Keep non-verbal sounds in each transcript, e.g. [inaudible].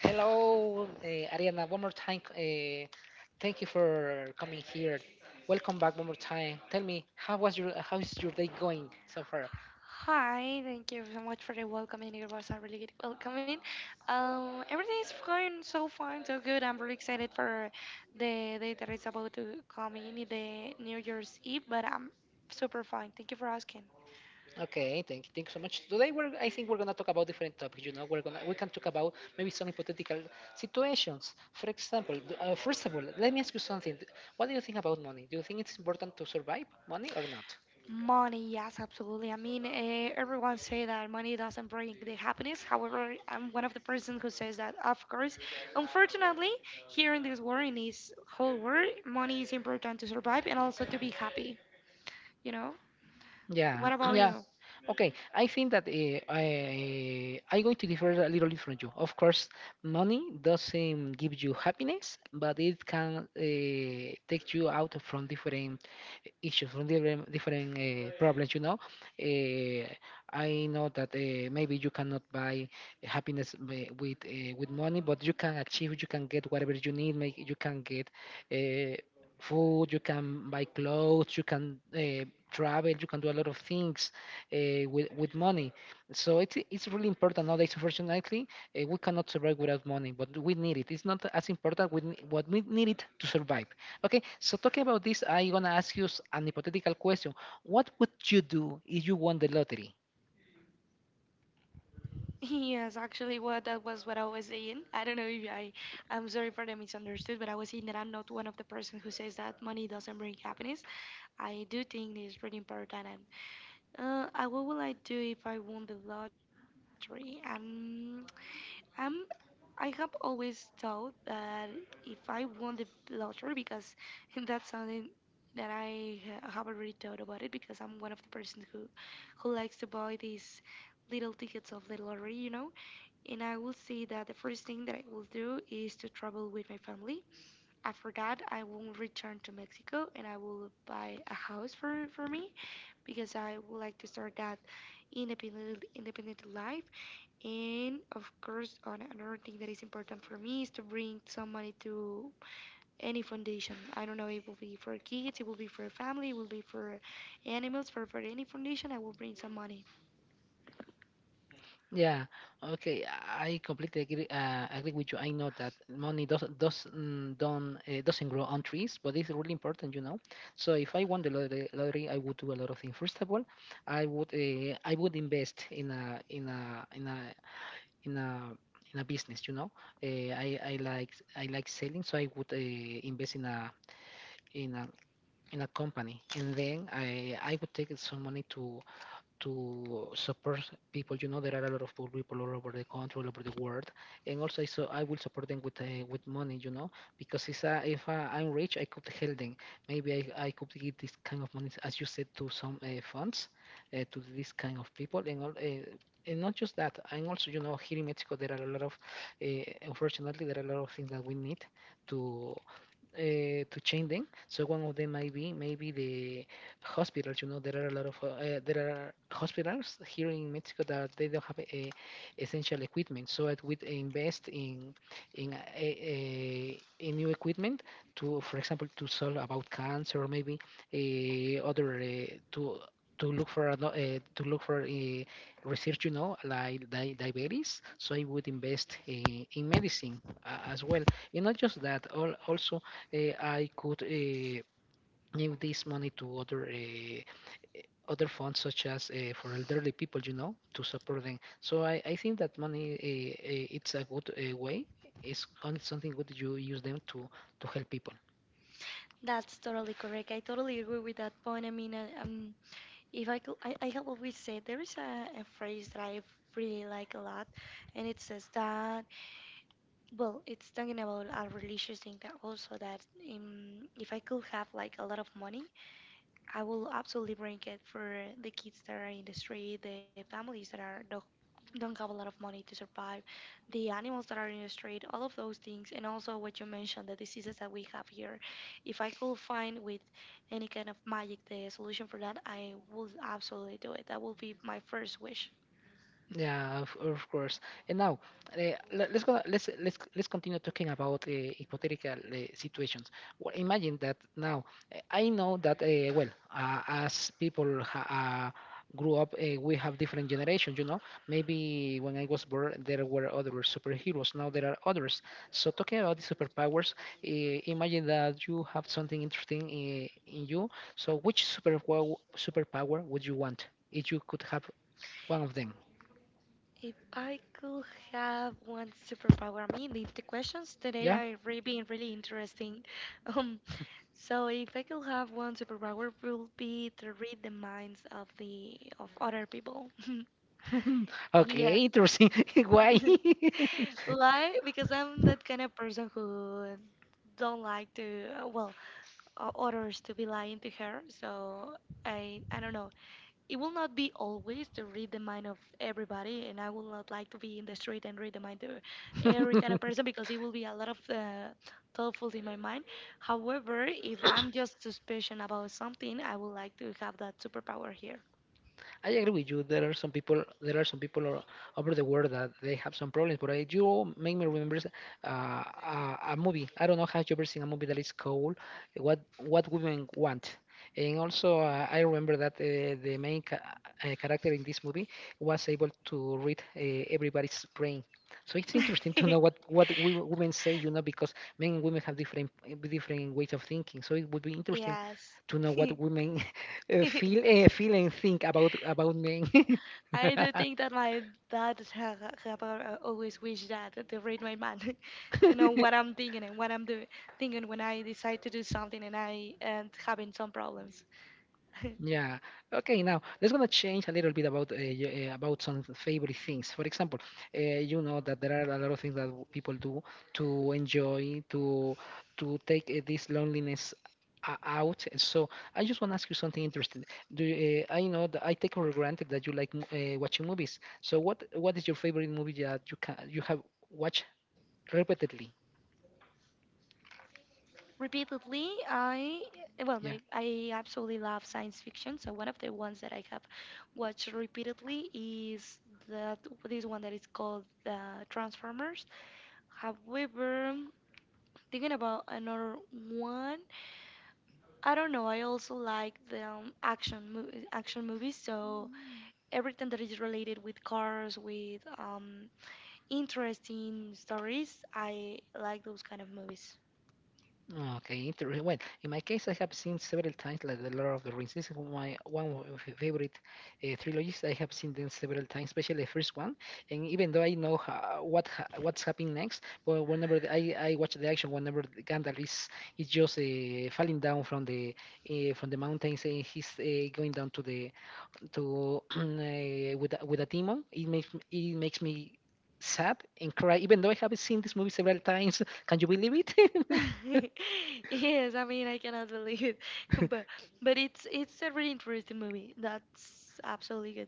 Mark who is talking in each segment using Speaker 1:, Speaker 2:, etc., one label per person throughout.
Speaker 1: Hello, Ariana. One more time. Thank you for coming here. Welcome back one more time. Tell me, how is your day going so far?
Speaker 2: Hi, thank you so much for the welcome in. It was a really good welcoming. Everything is going so fine, so good. I'm really excited for the day that is about to come in, the New Year's Eve, but I'm super fine. Thank you for asking.
Speaker 1: Okay, thank you so much. Today we're I think we're gonna talk about different topics. You know, we can talk about maybe some hypothetical situations. For example, first of all, let me ask you something. What do you think about money? Do you think it's important to survive money or not?
Speaker 2: Money, yes, absolutely. I mean, everyone say that money doesn't bring the happiness. However, I'm one of the person who says that, of course. Unfortunately, here in this world, in this whole world, money is important to survive and also to be happy. You know,
Speaker 1: Yeah,
Speaker 2: what
Speaker 1: [clears throat]
Speaker 2: about
Speaker 1: yeah.
Speaker 2: you?
Speaker 1: Okay, I think that I'm going to differ a little bit from you. Of course, money doesn't give you happiness, but it can take you out from different issues, from different problems. You know, uh, I know that maybe you cannot buy happiness with with money, but you can achieve, you can get whatever you need. Make you can get. Uh, food, you can buy clothes, you can travel, you can do a lot of things with money. So it's really important nowadays, unfortunately. We cannot survive without money, but we need it. It's not as important with what we need it to survive. Okay, so talking about this, I'm going to ask you an hypothetical question. What would you do if you won the lottery?
Speaker 2: Yes, actually, what that was what I was saying. I don't know if I, I'm sorry for the misunderstood, but I was saying that I'm not one of the person who says that money doesn't bring happiness. I do think it's really important. And what will I do if I won the lottery? Um, I have always thought that if I won the lottery, because [laughs] that's something that haven't really thought about it, because I'm one of the persons who likes to buy these little tickets of the lottery, you know, and I will say that the first thing that I will do is to travel with my family. After that, I will return to Mexico and I will buy a house for me because I would like to start that independent life. And of course, on another thing that is important for me is to bring some money to any foundation. I don't know, it will be for kids, it will be for a family, it will be for animals, for any foundation, I will bring some money.
Speaker 1: Yeah. Okay. I completely agree. Agree with you. I know that money doesn't grow on trees, but it's really important, you know. So if I won the lottery, I would do a lot of things. First of all, I would invest in a in a business, you know. I like I like selling, so I would invest in a in a company, and then I would take some money to support people. You know, there are a lot of poor people all over the country, all over the world, and also I so I will support them with money. You know, because if I'm rich, I could help them. Maybe I could give this kind of money, as you said, to some funds to this kind of people, and all. And not just that, I'm also, you know, here in Mexico, there are a lot of, uh, unfortunately, there are a lot of things that we need to to change them. So one of them might be maybe the hospitals. You know, there are a lot of there are hospitals here in Mexico that they don't have essential equipment. So it would invest in a new equipment to, for example, to solve about cancer or maybe other to to look for to look for research. You know, like diabetes. So I would invest in medicine as well and not just that, also I could give this money to other eh, other funds such as for elderly people, you know, to support them. So I think that money it's a good way. Something good you use them to help people.
Speaker 2: That's totally correct. I totally agree with that point. If I could, I have always said there is a phrase that I really like a lot, and it says that, well, it's talking about a religious thing that also that if I could have like a lot of money, I will absolutely bring it for the kids that are in the street, the families that are don't have a lot of money to survive, the animals that are in the street, all of those things, and also what you mentioned, the diseases that we have here. If I could find with any kind of magic the solution for that, I would absolutely do it. That would be my first wish.
Speaker 1: Yeah, of course. And now, let's go. Let's continue talking about hypothetical situations. Well, imagine that now. I know that well, as people grew up, we have different generations. You know, maybe when I was born, there were other superheroes. Now there are others. So talking about the superpowers, imagine that you have something interesting in you. So which superpower would you want if you could have one of them?
Speaker 2: If I could have one superpower, I mean, the questions today
Speaker 1: Yeah?
Speaker 2: are really being really interesting. [laughs] Um. So if I could have one superpower, it would be to read the minds of the of other people. [laughs]
Speaker 1: [laughs]
Speaker 2: Yes.
Speaker 1: Okay, interesting. [laughs] Why?
Speaker 2: [laughs]
Speaker 1: [laughs]
Speaker 2: Why? Because I'm that kind of person who don't like to, others to be lying to her. So I don't know. It will not be always to read the mind of everybody, and I will not like to be in the street and read the mind of every kind of person because it will be a lot of thoughtful in my mind. However, if I'm just suspicious about something, I would like to have that superpower here.
Speaker 1: I agree with you. There are some people. There are some people over the world that they have some problems. But I do make me remember a movie. I don't know how you ever seen a movie that is called What Women Want." And also, I remember that the main character in this movie was able to read everybody's brain. So it's interesting to know
Speaker 2: [laughs]
Speaker 1: what women say, you know, because men and women have different ways of thinking. So it would be interesting
Speaker 2: Yes.
Speaker 1: to
Speaker 2: [laughs]
Speaker 1: know what women feel and think about men. [laughs]
Speaker 2: I do think that my dad have always wished that to read my mind, [laughs] to know what I'm thinking and what I'm doing, thinking when I decide to do something and I and having some problems. [laughs]
Speaker 1: yeah. Okay. Now let's gonna change a little bit about about some favorite things. For example, you know that there are a lot of things that people do to enjoy to take this loneliness out, so I just want to ask you something interesting. Do you, I know that I take for granted that you like watching movies. So what is your favorite movie that you have watched repeatedly?
Speaker 2: Repeatedly, I eh, well, my
Speaker 1: Yeah.
Speaker 2: I absolutely love science fiction. So one of the ones that I have watched repeatedly is that this one that is called the Transformers. However, thinking about another one, I don't know. I also like the action movies. So everything that is related with cars, with interesting stories, I like those kind of movies.
Speaker 1: Ah, okay, interesting. Well, in my case, I have seen several times like The Lord of the Rings. This is my one of my favorite trilogies. I have seen them several times, especially the first one. And even though I know what's happening next, but whenever I watch the action, whenever the Gandalf is just falling down from the mountains and he's going down to the to [clears throat] with with a demon, it makes me sad and cry. Even though I have seen this movie several times, [laughs] can you believe it? [laughs]
Speaker 2: [laughs] Yes, I mean I cannot believe it, [laughs] but but it's a really interesting movie. That's absolutely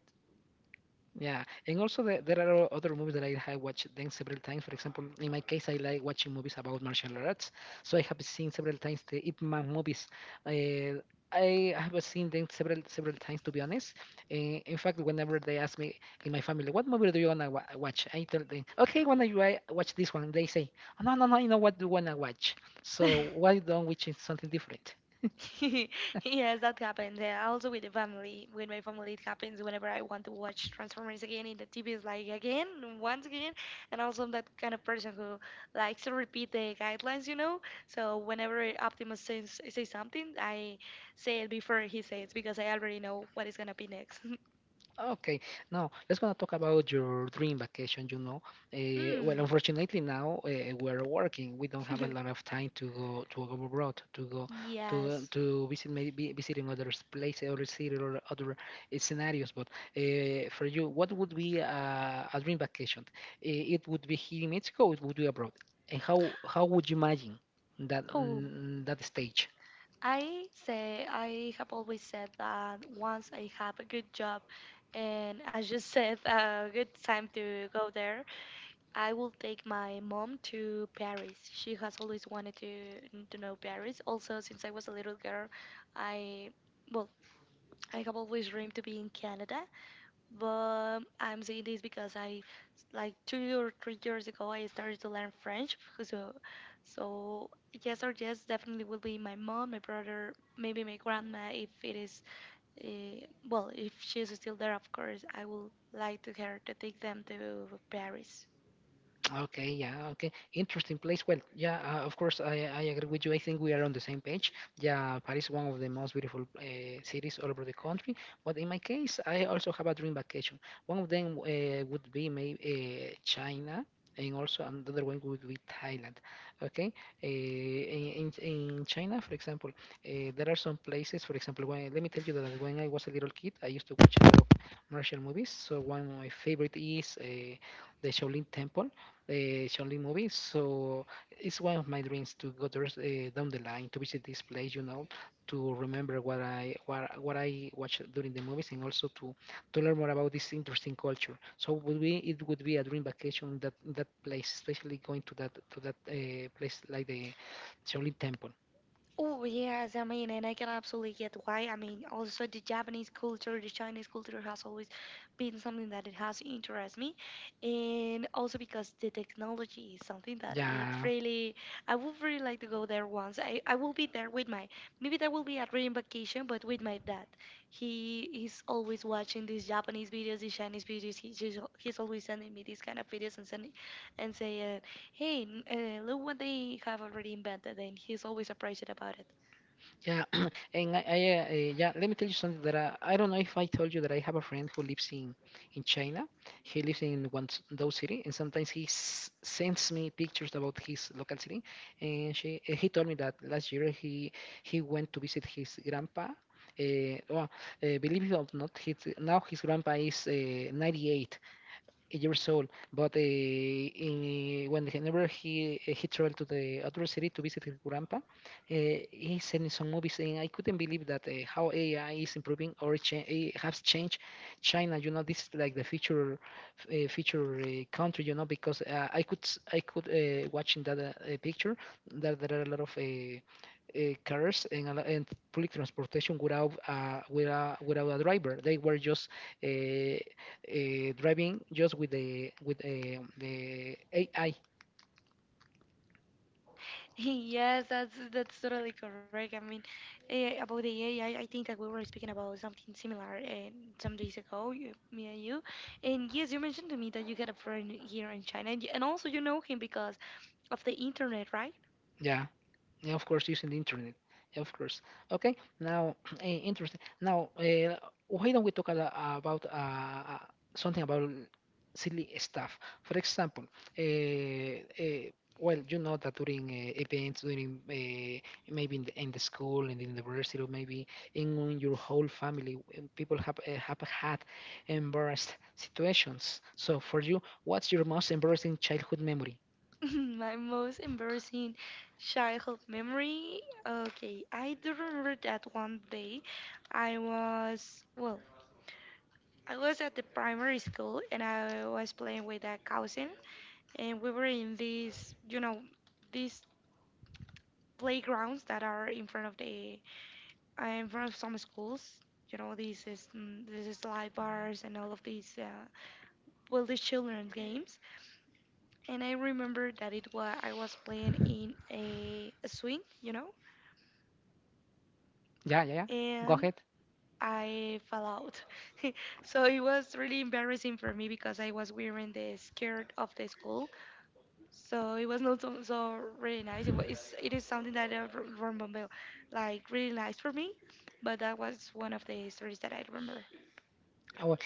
Speaker 1: Yeah, and also there are other movies that I have watched them several times. For example, in my case, I like watching movies about martial arts, so I have seen several times the Ip Man movies. Uh, I have seen them several times, to be honest. Uh, in fact, whenever they ask me in my family, "What movie do you watch?" I tell them, "Okay, wanna you I watch this one?" They say, "No, no, no, you know what do you wanna watch?"
Speaker 2: good.
Speaker 1: So
Speaker 2: [laughs]
Speaker 1: why don't we change something different?
Speaker 2: [laughs] Yes, that happens. Yeah, also with the family, with my family, it happens whenever I want to watch Transformers again in the TV. Is like again, once again, and also I'm that kind of person who likes to repeat the guidelines, you know. So whenever Optimus says something, I say it before he says because I already know what is gonna be next. [laughs]
Speaker 1: Okay, now let's gonna talk about your dream vacation. You know, well,
Speaker 2: Mm.
Speaker 1: unfortunately now we're working. We don't have a lot of time to go abroad, to
Speaker 2: [laughs]
Speaker 1: go
Speaker 2: Yes.
Speaker 1: to visit maybe visiting other places, other city, or other scenarios. But for you, what would be a dream vacation? Eh, it would be here in Mexico. It would be abroad. And how would you imagine that that stage?
Speaker 2: I have always said that once I have a good job and as you [laughs] said a good time to go there, I will take my mom to Paris. She has always wanted to know Paris. Also, since I was a little girl, I well, I have always dreamed to be in Canada. But I'm saying this because like 2 or 3 years ago, I started to learn French. So, so yes or yes, definitely will be my mom, my brother, maybe my grandma if it is, if she's still there, of course, I would like to her to take them to Paris.
Speaker 1: Okay, yeah, okay. Interesting place. Well, yeah, of course, I agree with you. I think we are on the same page. Yeah, Paris is one of the most beautiful cities all over the country. But in my case, I also have a dream vacation. One of them would be maybe China, and also another one would be Thailand. Okay, in China, for example, there are some places. For example, when, let me tell you that when I was a little kid, I used to watch a lot of martial movies. So one of my favorite is the Shaolin movies. So it's one of my dreams to go there, down the line to visit this place, you know, to remember what I watched during the movies and also to learn more about this interesting culture. So would be it would be a dream vacation in that place, especially going to that place like the Shaolin Temple.
Speaker 2: Oh, yes, I mean, and I can absolutely get why. I mean, also the Japanese culture, the Chinese culture has always been something that it has interested me, and also because the technology is something that it
Speaker 1: Yeah.
Speaker 2: really, I would really like to go there once. I will be there with my, maybe that will be a dream vacation, but with my dad. He is always watching these Japanese videos, these Chinese videos. He's always sending me these kind of videos and sending, and say, hey, look what they have already invented, and he's always surprised about it.
Speaker 1: Yeah, [clears throat] and I yeah, let me tell you something that I don't know if I told you that I have a friend who lives in China. He lives in Guangzhou city, and sometimes he s sends me pictures about his local city. And she he told me that last year he went to visit his grandpa. Uh, well, believe it or not, now his grandpa is 98 years old. But in, eh, when whenever he traveled to the other city to visit his grandpa, he sent me some movies, and I couldn't believe that how AI is improving or has changed China. You know, this is like the future country. You know, because I could watching that picture that there are a lot of. Cars and, and public transportation without without a driver. They were just uh, driving just with the AI.
Speaker 2: [laughs] Yes, that's totally correct. I mean, about the AI, I think that we were speaking about something similar some days ago, you, me and you. And yes, you mentioned to me that you had a friend here in China, and, and also you know him because of the internet, right?
Speaker 1: Yeah, yeah, of course, using the internet. Yeah, of course. Okay. Now, [clears throat] interesting. Now, why don't we talk about uh, something about silly stuff? For example, uh, uh, well, you know that during events, during maybe in the school, and in the university, or maybe in your whole family, people have had embarrassed situations. So, for you, what's your most embarrassing childhood memory?
Speaker 2: [laughs] My most embarrassing childhood memory. Okay, I do remember that one day I was, well, I was at the primary school and I was playing with a cousin, and we were in these, you know, these playgrounds that are in front of in front of some schools. You know, these is slide bars and all of these, these children's games. And I remember that it was I was playing in a swing, you know,
Speaker 1: Yeah, yeah, yeah. Go
Speaker 2: and
Speaker 1: ahead.
Speaker 2: I fell out. [laughs] So it was really embarrassing for me because I was wearing the skirt of the school. So it was not so really nice. It is something that remember like really nice for me, but that was one of the stories that I remember. [laughs]
Speaker 1: Oh, well,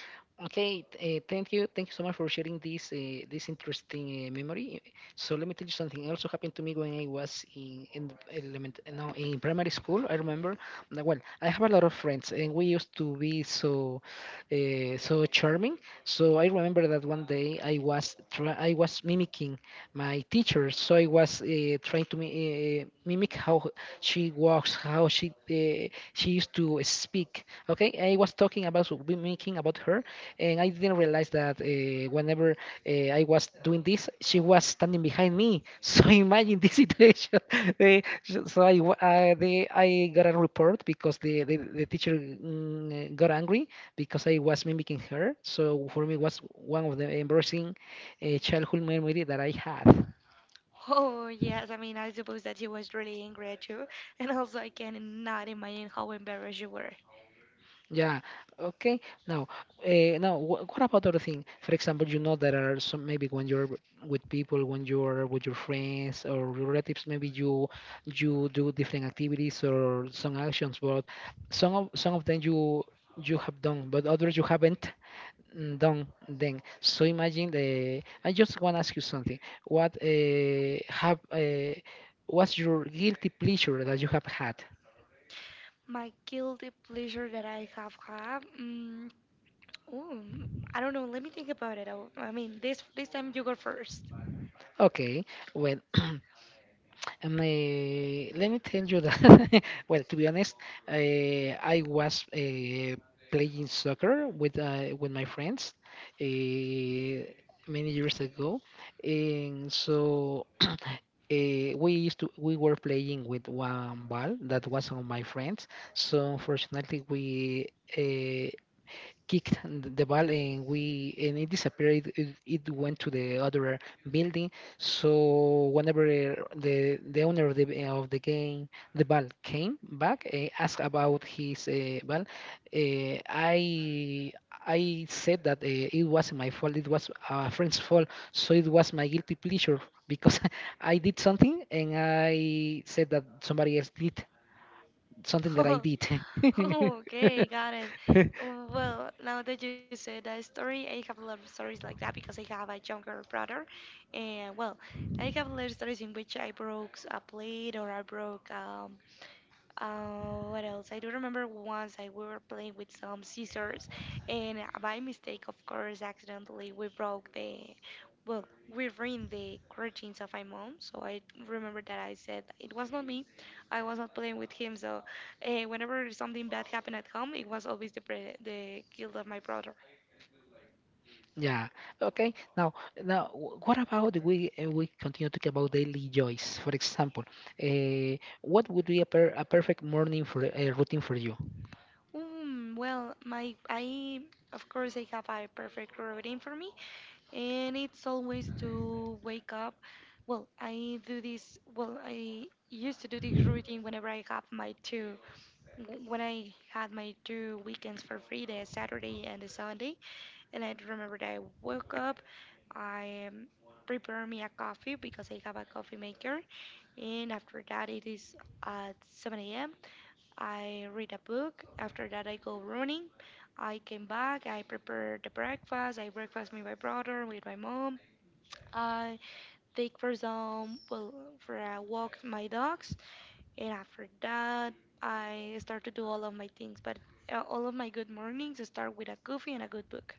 Speaker 1: okay. Thank you. Thank you so much for sharing this interesting memory. So let me tell you something. Also happened to me when I was in no, in primary school. I remember. Now, well, I have a lot of friends, and we used to be so charming. So I remember that one day I was mimicking my teacher. So I was trying to mimic how she walks, how she used to speak. Okay, I was talking about be making about her, and I didn't realize that whenever I was doing this, she was standing behind me. [laughs] So imagine this situation. [laughs] So I got a report because the teacher got angry because I was mimicking her. So for me, it was one of the embarrassing childhood memory that I had.
Speaker 2: Oh yes, I mean I suppose that she was really angry at you, [laughs] and also I cannot imagine how embarrassed you were.
Speaker 1: Yeah. Okay. Now, now, what about other thing? For example, you know there are some maybe when you're with people, when you're with your friends or relatives, maybe you do different activities or some actions, but some of them you have done, but others you haven't done them. So imagine the. I just want to ask you something. What uh, have uh, what's your guilty pleasure that you have had?
Speaker 2: My guilty pleasure that I have had, oh, I don't know. Let me think about it. I mean this time you go first.
Speaker 1: Okay. Well, let me tell you that. [laughs] Well, to be honest, I was playing soccer with my friends uh, many years ago, and so we used to we were playing with one ball that was on my friends. So unfortunately, we. uh, kicked the ball, and we and it disappeared. It went to the other building. So whenever the owner of the ball came back, asked about his ball, uh, i I said that it wasn't my fault. It was a friend's fault, so it was my guilty pleasure, because [laughs] I did something and I said that somebody else did something
Speaker 2: [laughs]
Speaker 1: that I
Speaker 2: [laughs]
Speaker 1: did.
Speaker 2: Okay, got it.
Speaker 1: [laughs]
Speaker 2: Well, now that you said that story, I have a lot of stories like that because I have a younger brother. And well, I have a lot of stories in which I broke a plate or I broke, what else? I do remember once I we were playing with some scissors, and by mistake, of course, accidentally we broke well, we ruined the curtains of my mom. So I remember that I said it was not me. I was not playing with him. So whenever something bad happened at home, it was always the guilt of my brother.
Speaker 1: Yeah. Okay. Now, what about we continue talking about daily joys? For example, uh, what would be a perfect morning for a routine for you?
Speaker 2: Mm, well, my I of course I have a perfect routine for me, and it's always to wake up. Well, I do this. Well, I used to do this routine whenever I have when I had my two weekends for free, the Saturday and the Sunday. And I remember that I woke up. I am prepare me a coffee because I have a coffee maker. And after that, it is at 7 a.m. I read a book. After that, I go running. I came back. I prepare the breakfast. I breakfast with my brother, with my mom. I take for some well for a walk my dogs. And after that, I start to do all of my things. But all of my good mornings start with a coffee and a good book.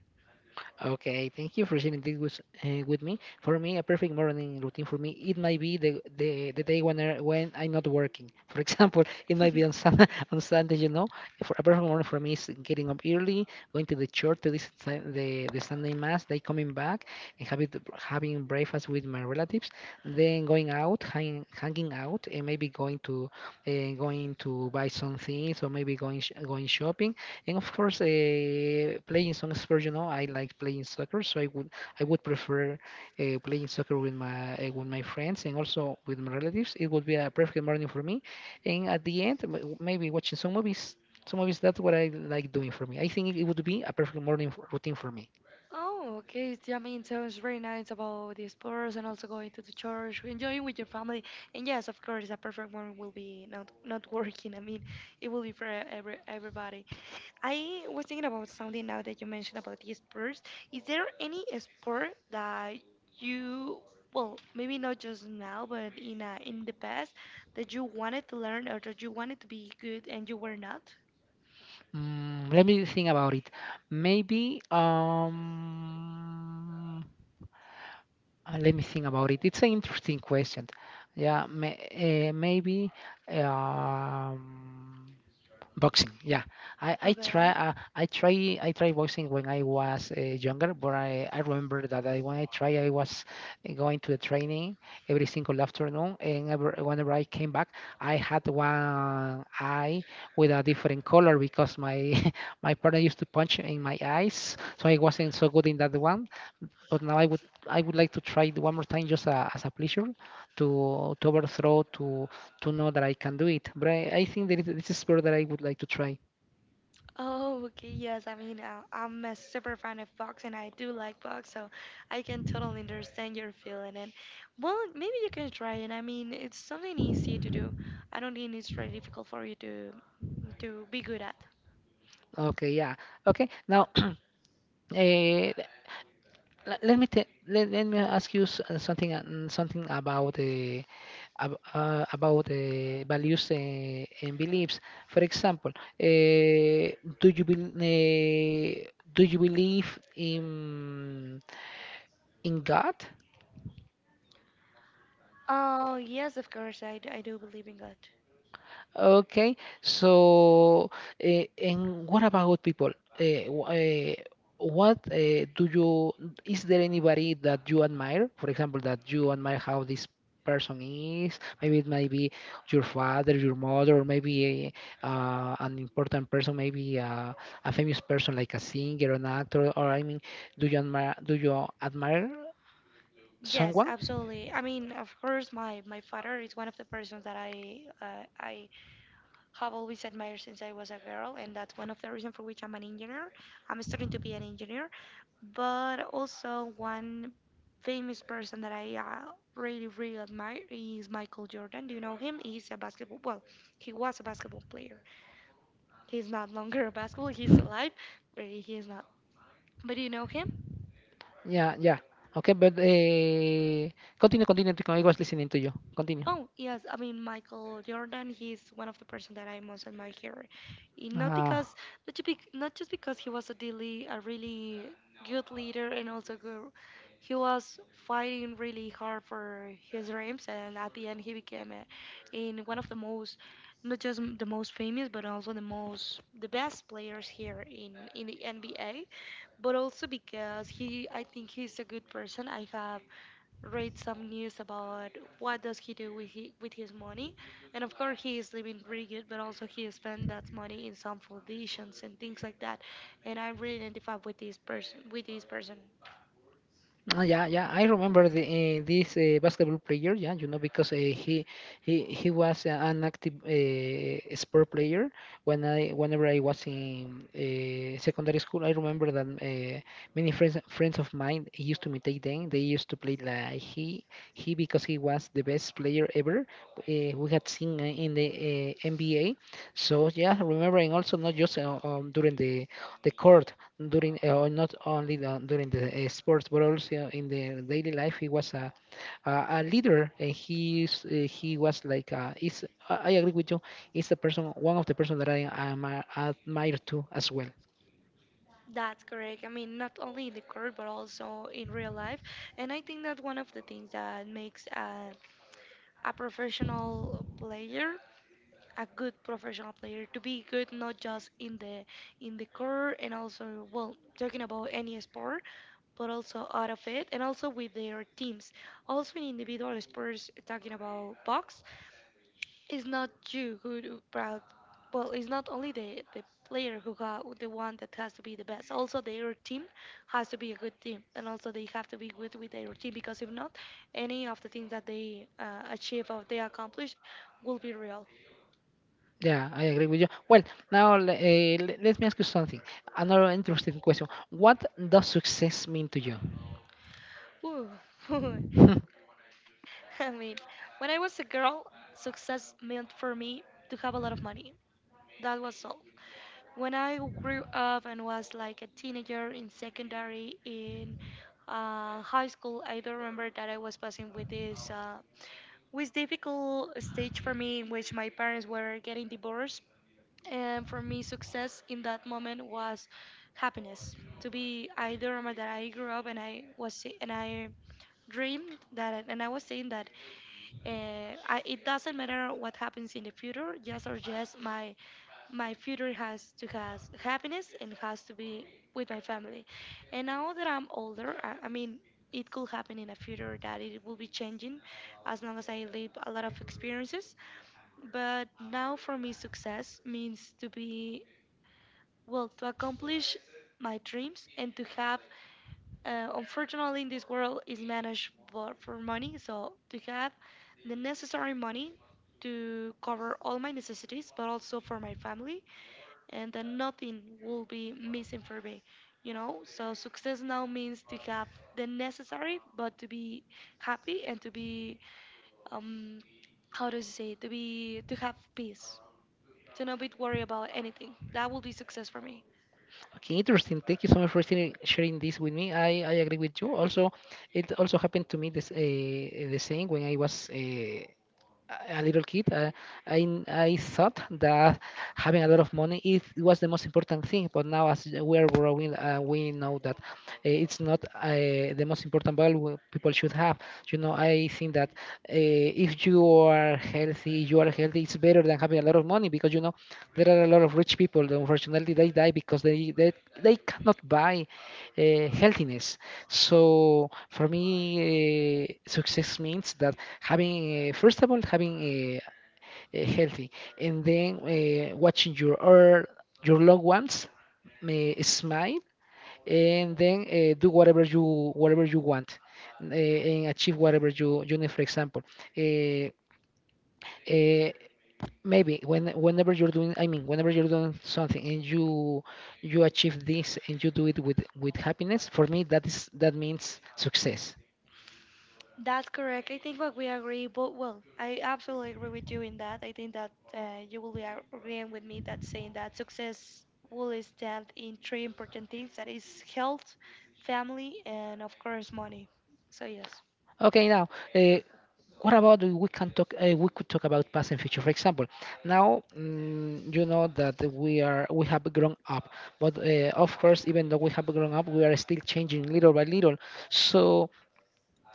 Speaker 1: Okay, thank you for sharing this with me. For me, a perfect morning routine for me, it might be the day when I'm not working. [laughs] For example, it might be
Speaker 2: [laughs]
Speaker 1: on Sunday, [laughs] on Sunday, you know. For a perfect morning for me is getting up early, going to the church to listen the Sunday mass, then coming back and having breakfast with my relatives, then going out, hanging out, and maybe going to buy some things or maybe going shopping, and of course, playing some sport. I like playing soccer, so I would prefer playing soccer with my friends and also with my relatives. It would be a perfect morning for me. And at the end, maybe watching some movies. Some movies. That's what I like doing for me. I think it would be a perfect morning routine for me.
Speaker 2: Oh, okay. It's- I mean, sounds very nice about the explorers and also going to the church, enjoying with your family. And yes, of course, a perfect one will be not [laughs] working. I mean, it will be for everybody. I was thinking about something now that you mentioned about the sports. Is there any sport that you, well, maybe not just now, but in the past, that you wanted to learn or that you wanted to be good and you were not?
Speaker 1: Let me think about it. Maybe. Let me think about it. It's an interesting question. Yeah, maybe um, boxing. Yeah, I, I try
Speaker 2: Okay.
Speaker 1: uh, I try I try boxing when I was younger, but I remember that when I was going to the training every single afternoon, and whenever I came back, I had one eye with a different color because my [laughs] my partner used to punch in my eyes, so I wasn't so good in that one, but now I would like to try it one more time, just as a pleasure to overthrow to know that I can do it. But I think that this is sport that I would like to try.
Speaker 2: Oh, okay. Yes, I mean, I'm a super fan of box and I do like box, so I can totally understand your feeling. And well, maybe you can try it. I mean, it's something easy to do. I don't think it's very difficult for you to be good at.
Speaker 1: Okay, yeah. Okay, now [clears throat] eh, let me ask you something about about the values and beliefs. For example, eh, do you believe in God?
Speaker 2: Oh, yes, of course. I do believe in God.
Speaker 1: Okay, so and what about people? What uh, do you, is there anybody that you admire? For example, that you admire how this person is? Maybe it might be your father, your mother, or maybe an important person, maybe a famous person like a singer, an actor, or I mean, do you admire
Speaker 2: Yes,
Speaker 1: someone?
Speaker 2: absolutely. I mean, of course, my father is one of the persons that I have always admired since I was a girl, and that's one of the reasons for which I'm an engineer. I'm studying to be an engineer, but also one famous person that I really, really admire is Michael Jordan. Do you know him? He's a basketball. Well, he was a basketball player. He's not longer a basketball. He's alive, but he is not. But do you know him?
Speaker 1: Yeah, yeah. Okay, but continue, continue. I was listening to you. Continue.
Speaker 2: Oh, yes. I mean, Michael Jordan, he's one of the person that I most admire here. Not
Speaker 1: Uh,
Speaker 2: not just because he was a really good leader and also good, he was fighting really hard for his dreams and at the end he became a, in one of the most, not just m- the most famous, but also the best players here in the NBA, but also because he, I think he's a good person. I have read some news about what does he do with his money, and of course he is living pretty good, but also he spent that money in some foundations and things like that, and I really identify with this person with this person.
Speaker 1: yeah, yeah, I remember this basketball player. Yeah, because he was an active sport player whenever I was in secondary school. I remember that many friends of mine used to imitate them. They used to play like he because he was the best player ever we had seen in the NBA. So yeah, remembering also not just during the court, during or not only during the sports, but also in the daily life he was a leader, and he was is, I agree with you, is the person, one of the person that I am admire too as well.
Speaker 2: That's correct. I mean, not only in the court but also in real life, and I think that one of the things that makes a professional player a good professional player to be good not just in the core, and also, well, talking about any sport, but also out of it and also with their teams. Also in individual sports, talking about box, it's not you who do brought. Well, it's not only the player who got the one that has to be the best. Also, their team has to be a good team, and also they have to be good with their team because if not, any of the things that they achieve or they accomplish will be real.
Speaker 1: Yeah, I agree with you. Well, now, let me ask you something, another interesting question. What does success mean to you?
Speaker 2: Ooh. [laughs]
Speaker 1: [laughs]
Speaker 2: I mean, when I was a girl, success meant for me to have a lot of money. That was all. When I grew up and was like a teenager in high school, I do not remember that I was passing with this with difficult stage for me in which my parents were getting divorced, and for me, success in that moment was happiness. To be, I do not remember that I grew up and and I dreamed that, and I was saying that it doesn't matter what happens in the future, just my my future has to has happiness and has to be with my family. And now that I'm older, I mean, it could happen in a future that it will be changing as long as I live a lot of experiences. But now for me, success means to be, well, to accomplish my dreams and to have, unfortunately, in this world is managed for money. So to have the necessary money to cover all my necessities, but also for my family, and that nothing will be missing for me. You know, so success now means to have the necessary, but to be happy and to be um, how does it say, to be, to have peace, to not be worried about anything. That will be success for me.
Speaker 1: Okay, interesting. Thank you so much for sharing this with me. I agree with you also. It also happened to me this the same when I was a little kid. I thought that having a lot of money, it was the most important thing. But now, as we are growing, we know that it's not the most important value people should have. I think that if you are healthy, you are healthy. It's better than having a lot of money, because you know there are a lot of rich people. That, unfortunately, they die because they cannot buy healthiness. So for me, success means that having first of all having a healthy, and then watching your loved ones smile, and then do whatever you want, and achieve whatever you need. For example, uh, uh, maybe whenever you're doing, I mean, whenever you're doing something, and you achieve this, and you do it with happiness. For me, that means success.
Speaker 2: That's correct. I think what we agree, but well, I absolutely agree with you in that. I think that you will be agreeing with me that saying that success will stand in three important things, that is health, family, and of course money. So yes.
Speaker 1: Okay, now uh, what about we could talk about past and future? For example, now you know that we have grown up, but of course, even though we have grown up, we are still changing little by little. So,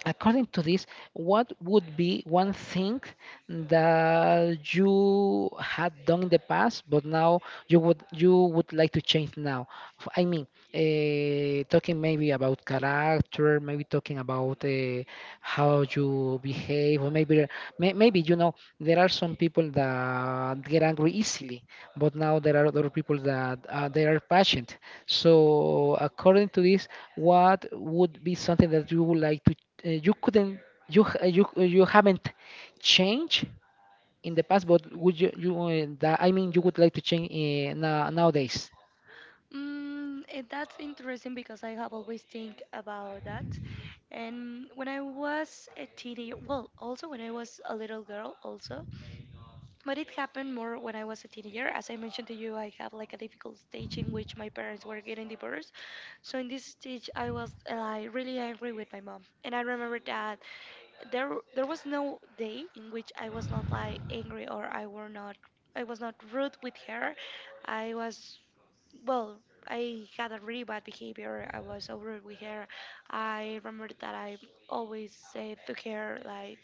Speaker 1: according to this, what would be one thing that you had done in the past, but now you would like to change now? I mean, talking maybe about character, maybe talking about how you behave, or maybe maybe you know there are some people that get angry easily, but now there are other people that they are patient. So according to this, what would be something that you would like to uh, you couldn't you h- you you haven't changed in the past, but would you you that I mean you would like to change nowadays?
Speaker 2: That's interesting because I have always think about that. And when I was a teenager, well, also when I was a little girl, also, but it happened more when I was a teenager. As I mentioned to you, I had like a difficult stage in which my parents were getting divorced. So in this stage, I was like really angry with my mom, and I remember that there there was no day in which I was not like angry or I were not I was not rude with her. I was, well. I had a really bad behavior. I was so rude with her. I remember that I always said to her, like,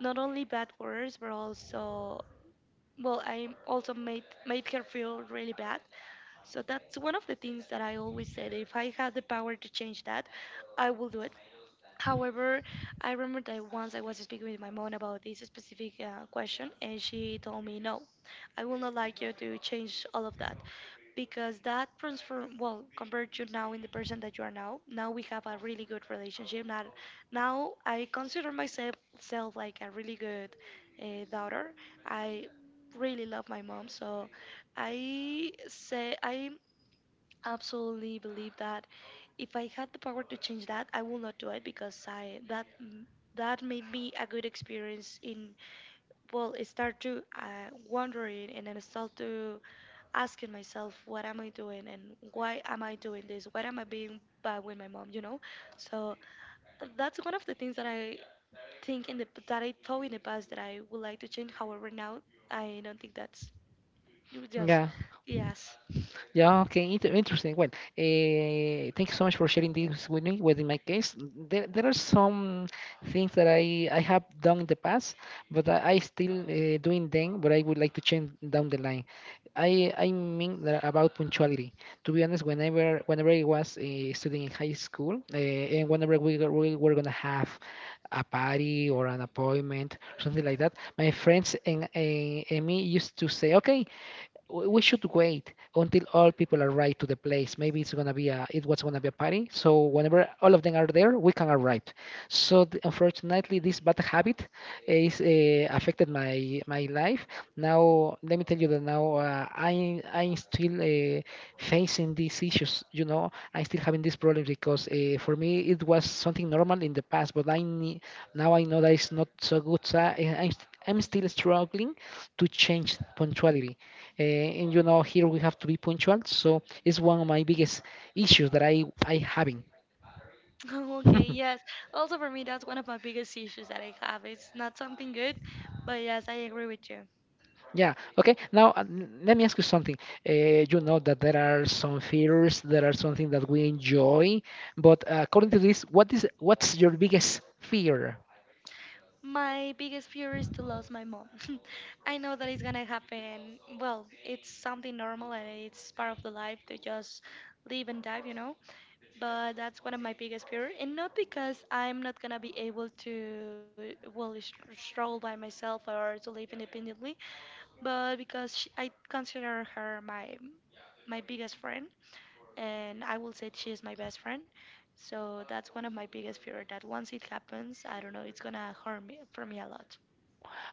Speaker 2: not only bad words but also, well, I also made her feel really bad, so that's one of the things that I always said, if I had the power to change that, I will do it. However, I remember that once I was speaking with my mom about this specific question, and she told me, no, I will not like you to change all of that, because that transform, well, compared to now, in the person that you are now. Now we have a really good relationship. Now now I consider myself self like a really good daughter. I really love my mom, so I say I absolutely believe that if I had the power to change that, I will not do it, because I that that made me a good experience in, well, I start to wondering, and then I start to asking myself, what am I doing, and why am I doing this? Why am I being bad with my mom? You know, so that's one of the things that I thought in the past that I would like to change. However, now I don't think that's just
Speaker 1: Yeah.
Speaker 2: yes.
Speaker 1: Yeah, okay, interesting. Well, thank you so much for sharing this with me. Well, in my case, there are some things that I have done in the past, but I still doing them, but I would like to change down the line. I mean that about punctuality. To be honest, whenever I was studying in high school, and whenever we were gonna have a party or an appointment, something like that, my friends and me used to say, okay, we should wait until all people arrive to the place. Maybe it was gonna be a party. So whenever all of them are there, we can arrive. So unfortunately, this bad habit is affected my life. Now let me tell you that now I'm still facing these issues. You know, I'm still having these problems because for me it was something normal in the past, but I need, now I know that it's not so good. So I'm still struggling to change punctuality, and you know here we have to be punctual, so it's one of my biggest issues that I having.
Speaker 2: [laughs] Okay,
Speaker 1: [laughs]
Speaker 2: yes. Also for me, that's one of my biggest issues that I have. It's not something good, but yes, I agree with you.
Speaker 1: Yeah, okay, now, let me ask you something. You know that there are some fears, there are something that we enjoy, but according to this, what's your biggest fear?
Speaker 2: My biggest fear is to lose my mom. [laughs] I know that it's gonna happen. Well, it's something normal and it's part of the life to just live and die, you know? But that's one of my biggest fear. And not because I'm not gonna be able to, well, stroll by myself or to live independently, but because she, I consider her my my biggest friend, and I will say she is my best friend. So that's one of my biggest fear, that once it happens, I don't know, it's gonna harm me for me a lot.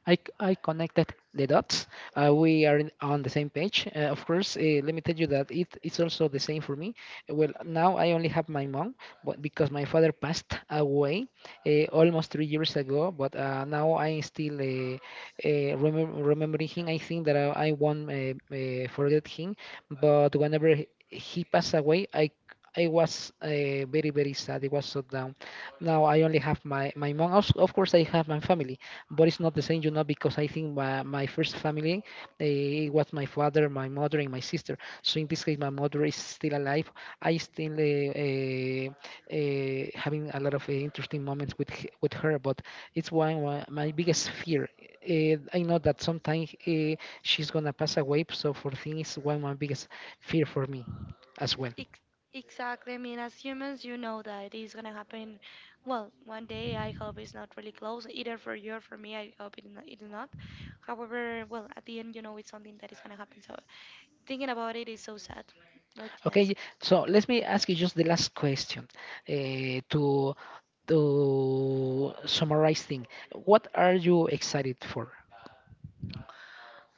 Speaker 1: I connected the dots. We are on the same page. Of course, let me tell you that it's also the same for me. Well, now I only have my mom, but because my father passed away almost 3 years ago. But now I still remember him. I think that I won't forget him. But whenever he passed away, I was very, very sad. It was so down. Now I only have my mom. Also, of course, I have my family, but it's not the same, because I think my first family it was my father, my mother, and my sister. So in this case, my mother is still alive. I still having a lot of interesting moments with her, but it's my biggest fear. I know that sometimes she's gonna pass away, so for things, one my biggest fear for me as well.
Speaker 2: Ex- Exactly. I mean, as humans, you know that it is gonna happen. Well, one day I hope it's not really close, either for you or for me. I hope it, no- it is not. However, well, at the end, you know, it's something that is gonna happen. So thinking about it is so sad. But yes,
Speaker 1: Okay, so let me ask you just the last question, uh, to to summarize thing. What are you excited for?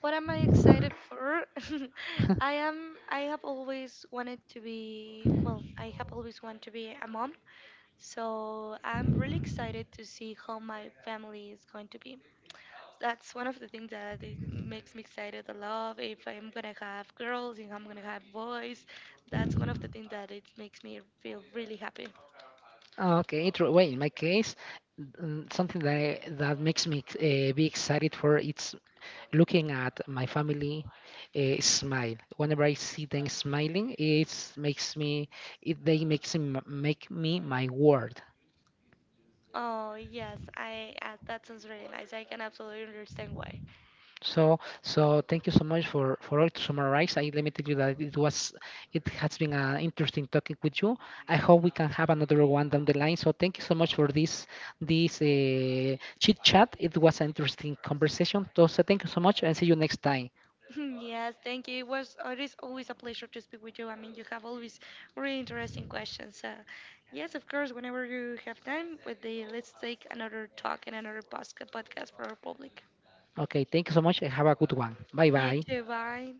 Speaker 2: what am I excited for? [laughs]
Speaker 1: [laughs]
Speaker 2: I am. I have always wanted to be. Well, I have always wanted to be a mom. So I'm really excited to see how my family is going to be. That's one of the things that it makes me excited a lot. If I'm gonna have girls, if I'm gonna have boys. That's one of the things that it makes me feel really happy.
Speaker 1: Okay, intro. Well, in my case, something that that makes me be excited for, it's looking at my family smile. Whenever I see them smiling, it makes me, it they makes me, make me my world.
Speaker 2: Oh yes, I that sounds really nice. I can absolutely understand why. [laughs]
Speaker 1: So, thank you so much for all to summarize. Let me tell you that it has been an interesting talking with you. I hope we can have another one down the line. So, thank you so much for this chit chat. It was an interesting conversation. So, thank you so much, and see you next time.
Speaker 2: Yes, thank you. It was, it is always a pleasure to speak with you. I mean, you have always really interesting questions. Yes, of course. Whenever you have time, with the let's take another talk and another podcast for our public.
Speaker 1: Okay, thank you so much, and have a good one. Bye
Speaker 2: You
Speaker 1: bye.
Speaker 2: too. Bye.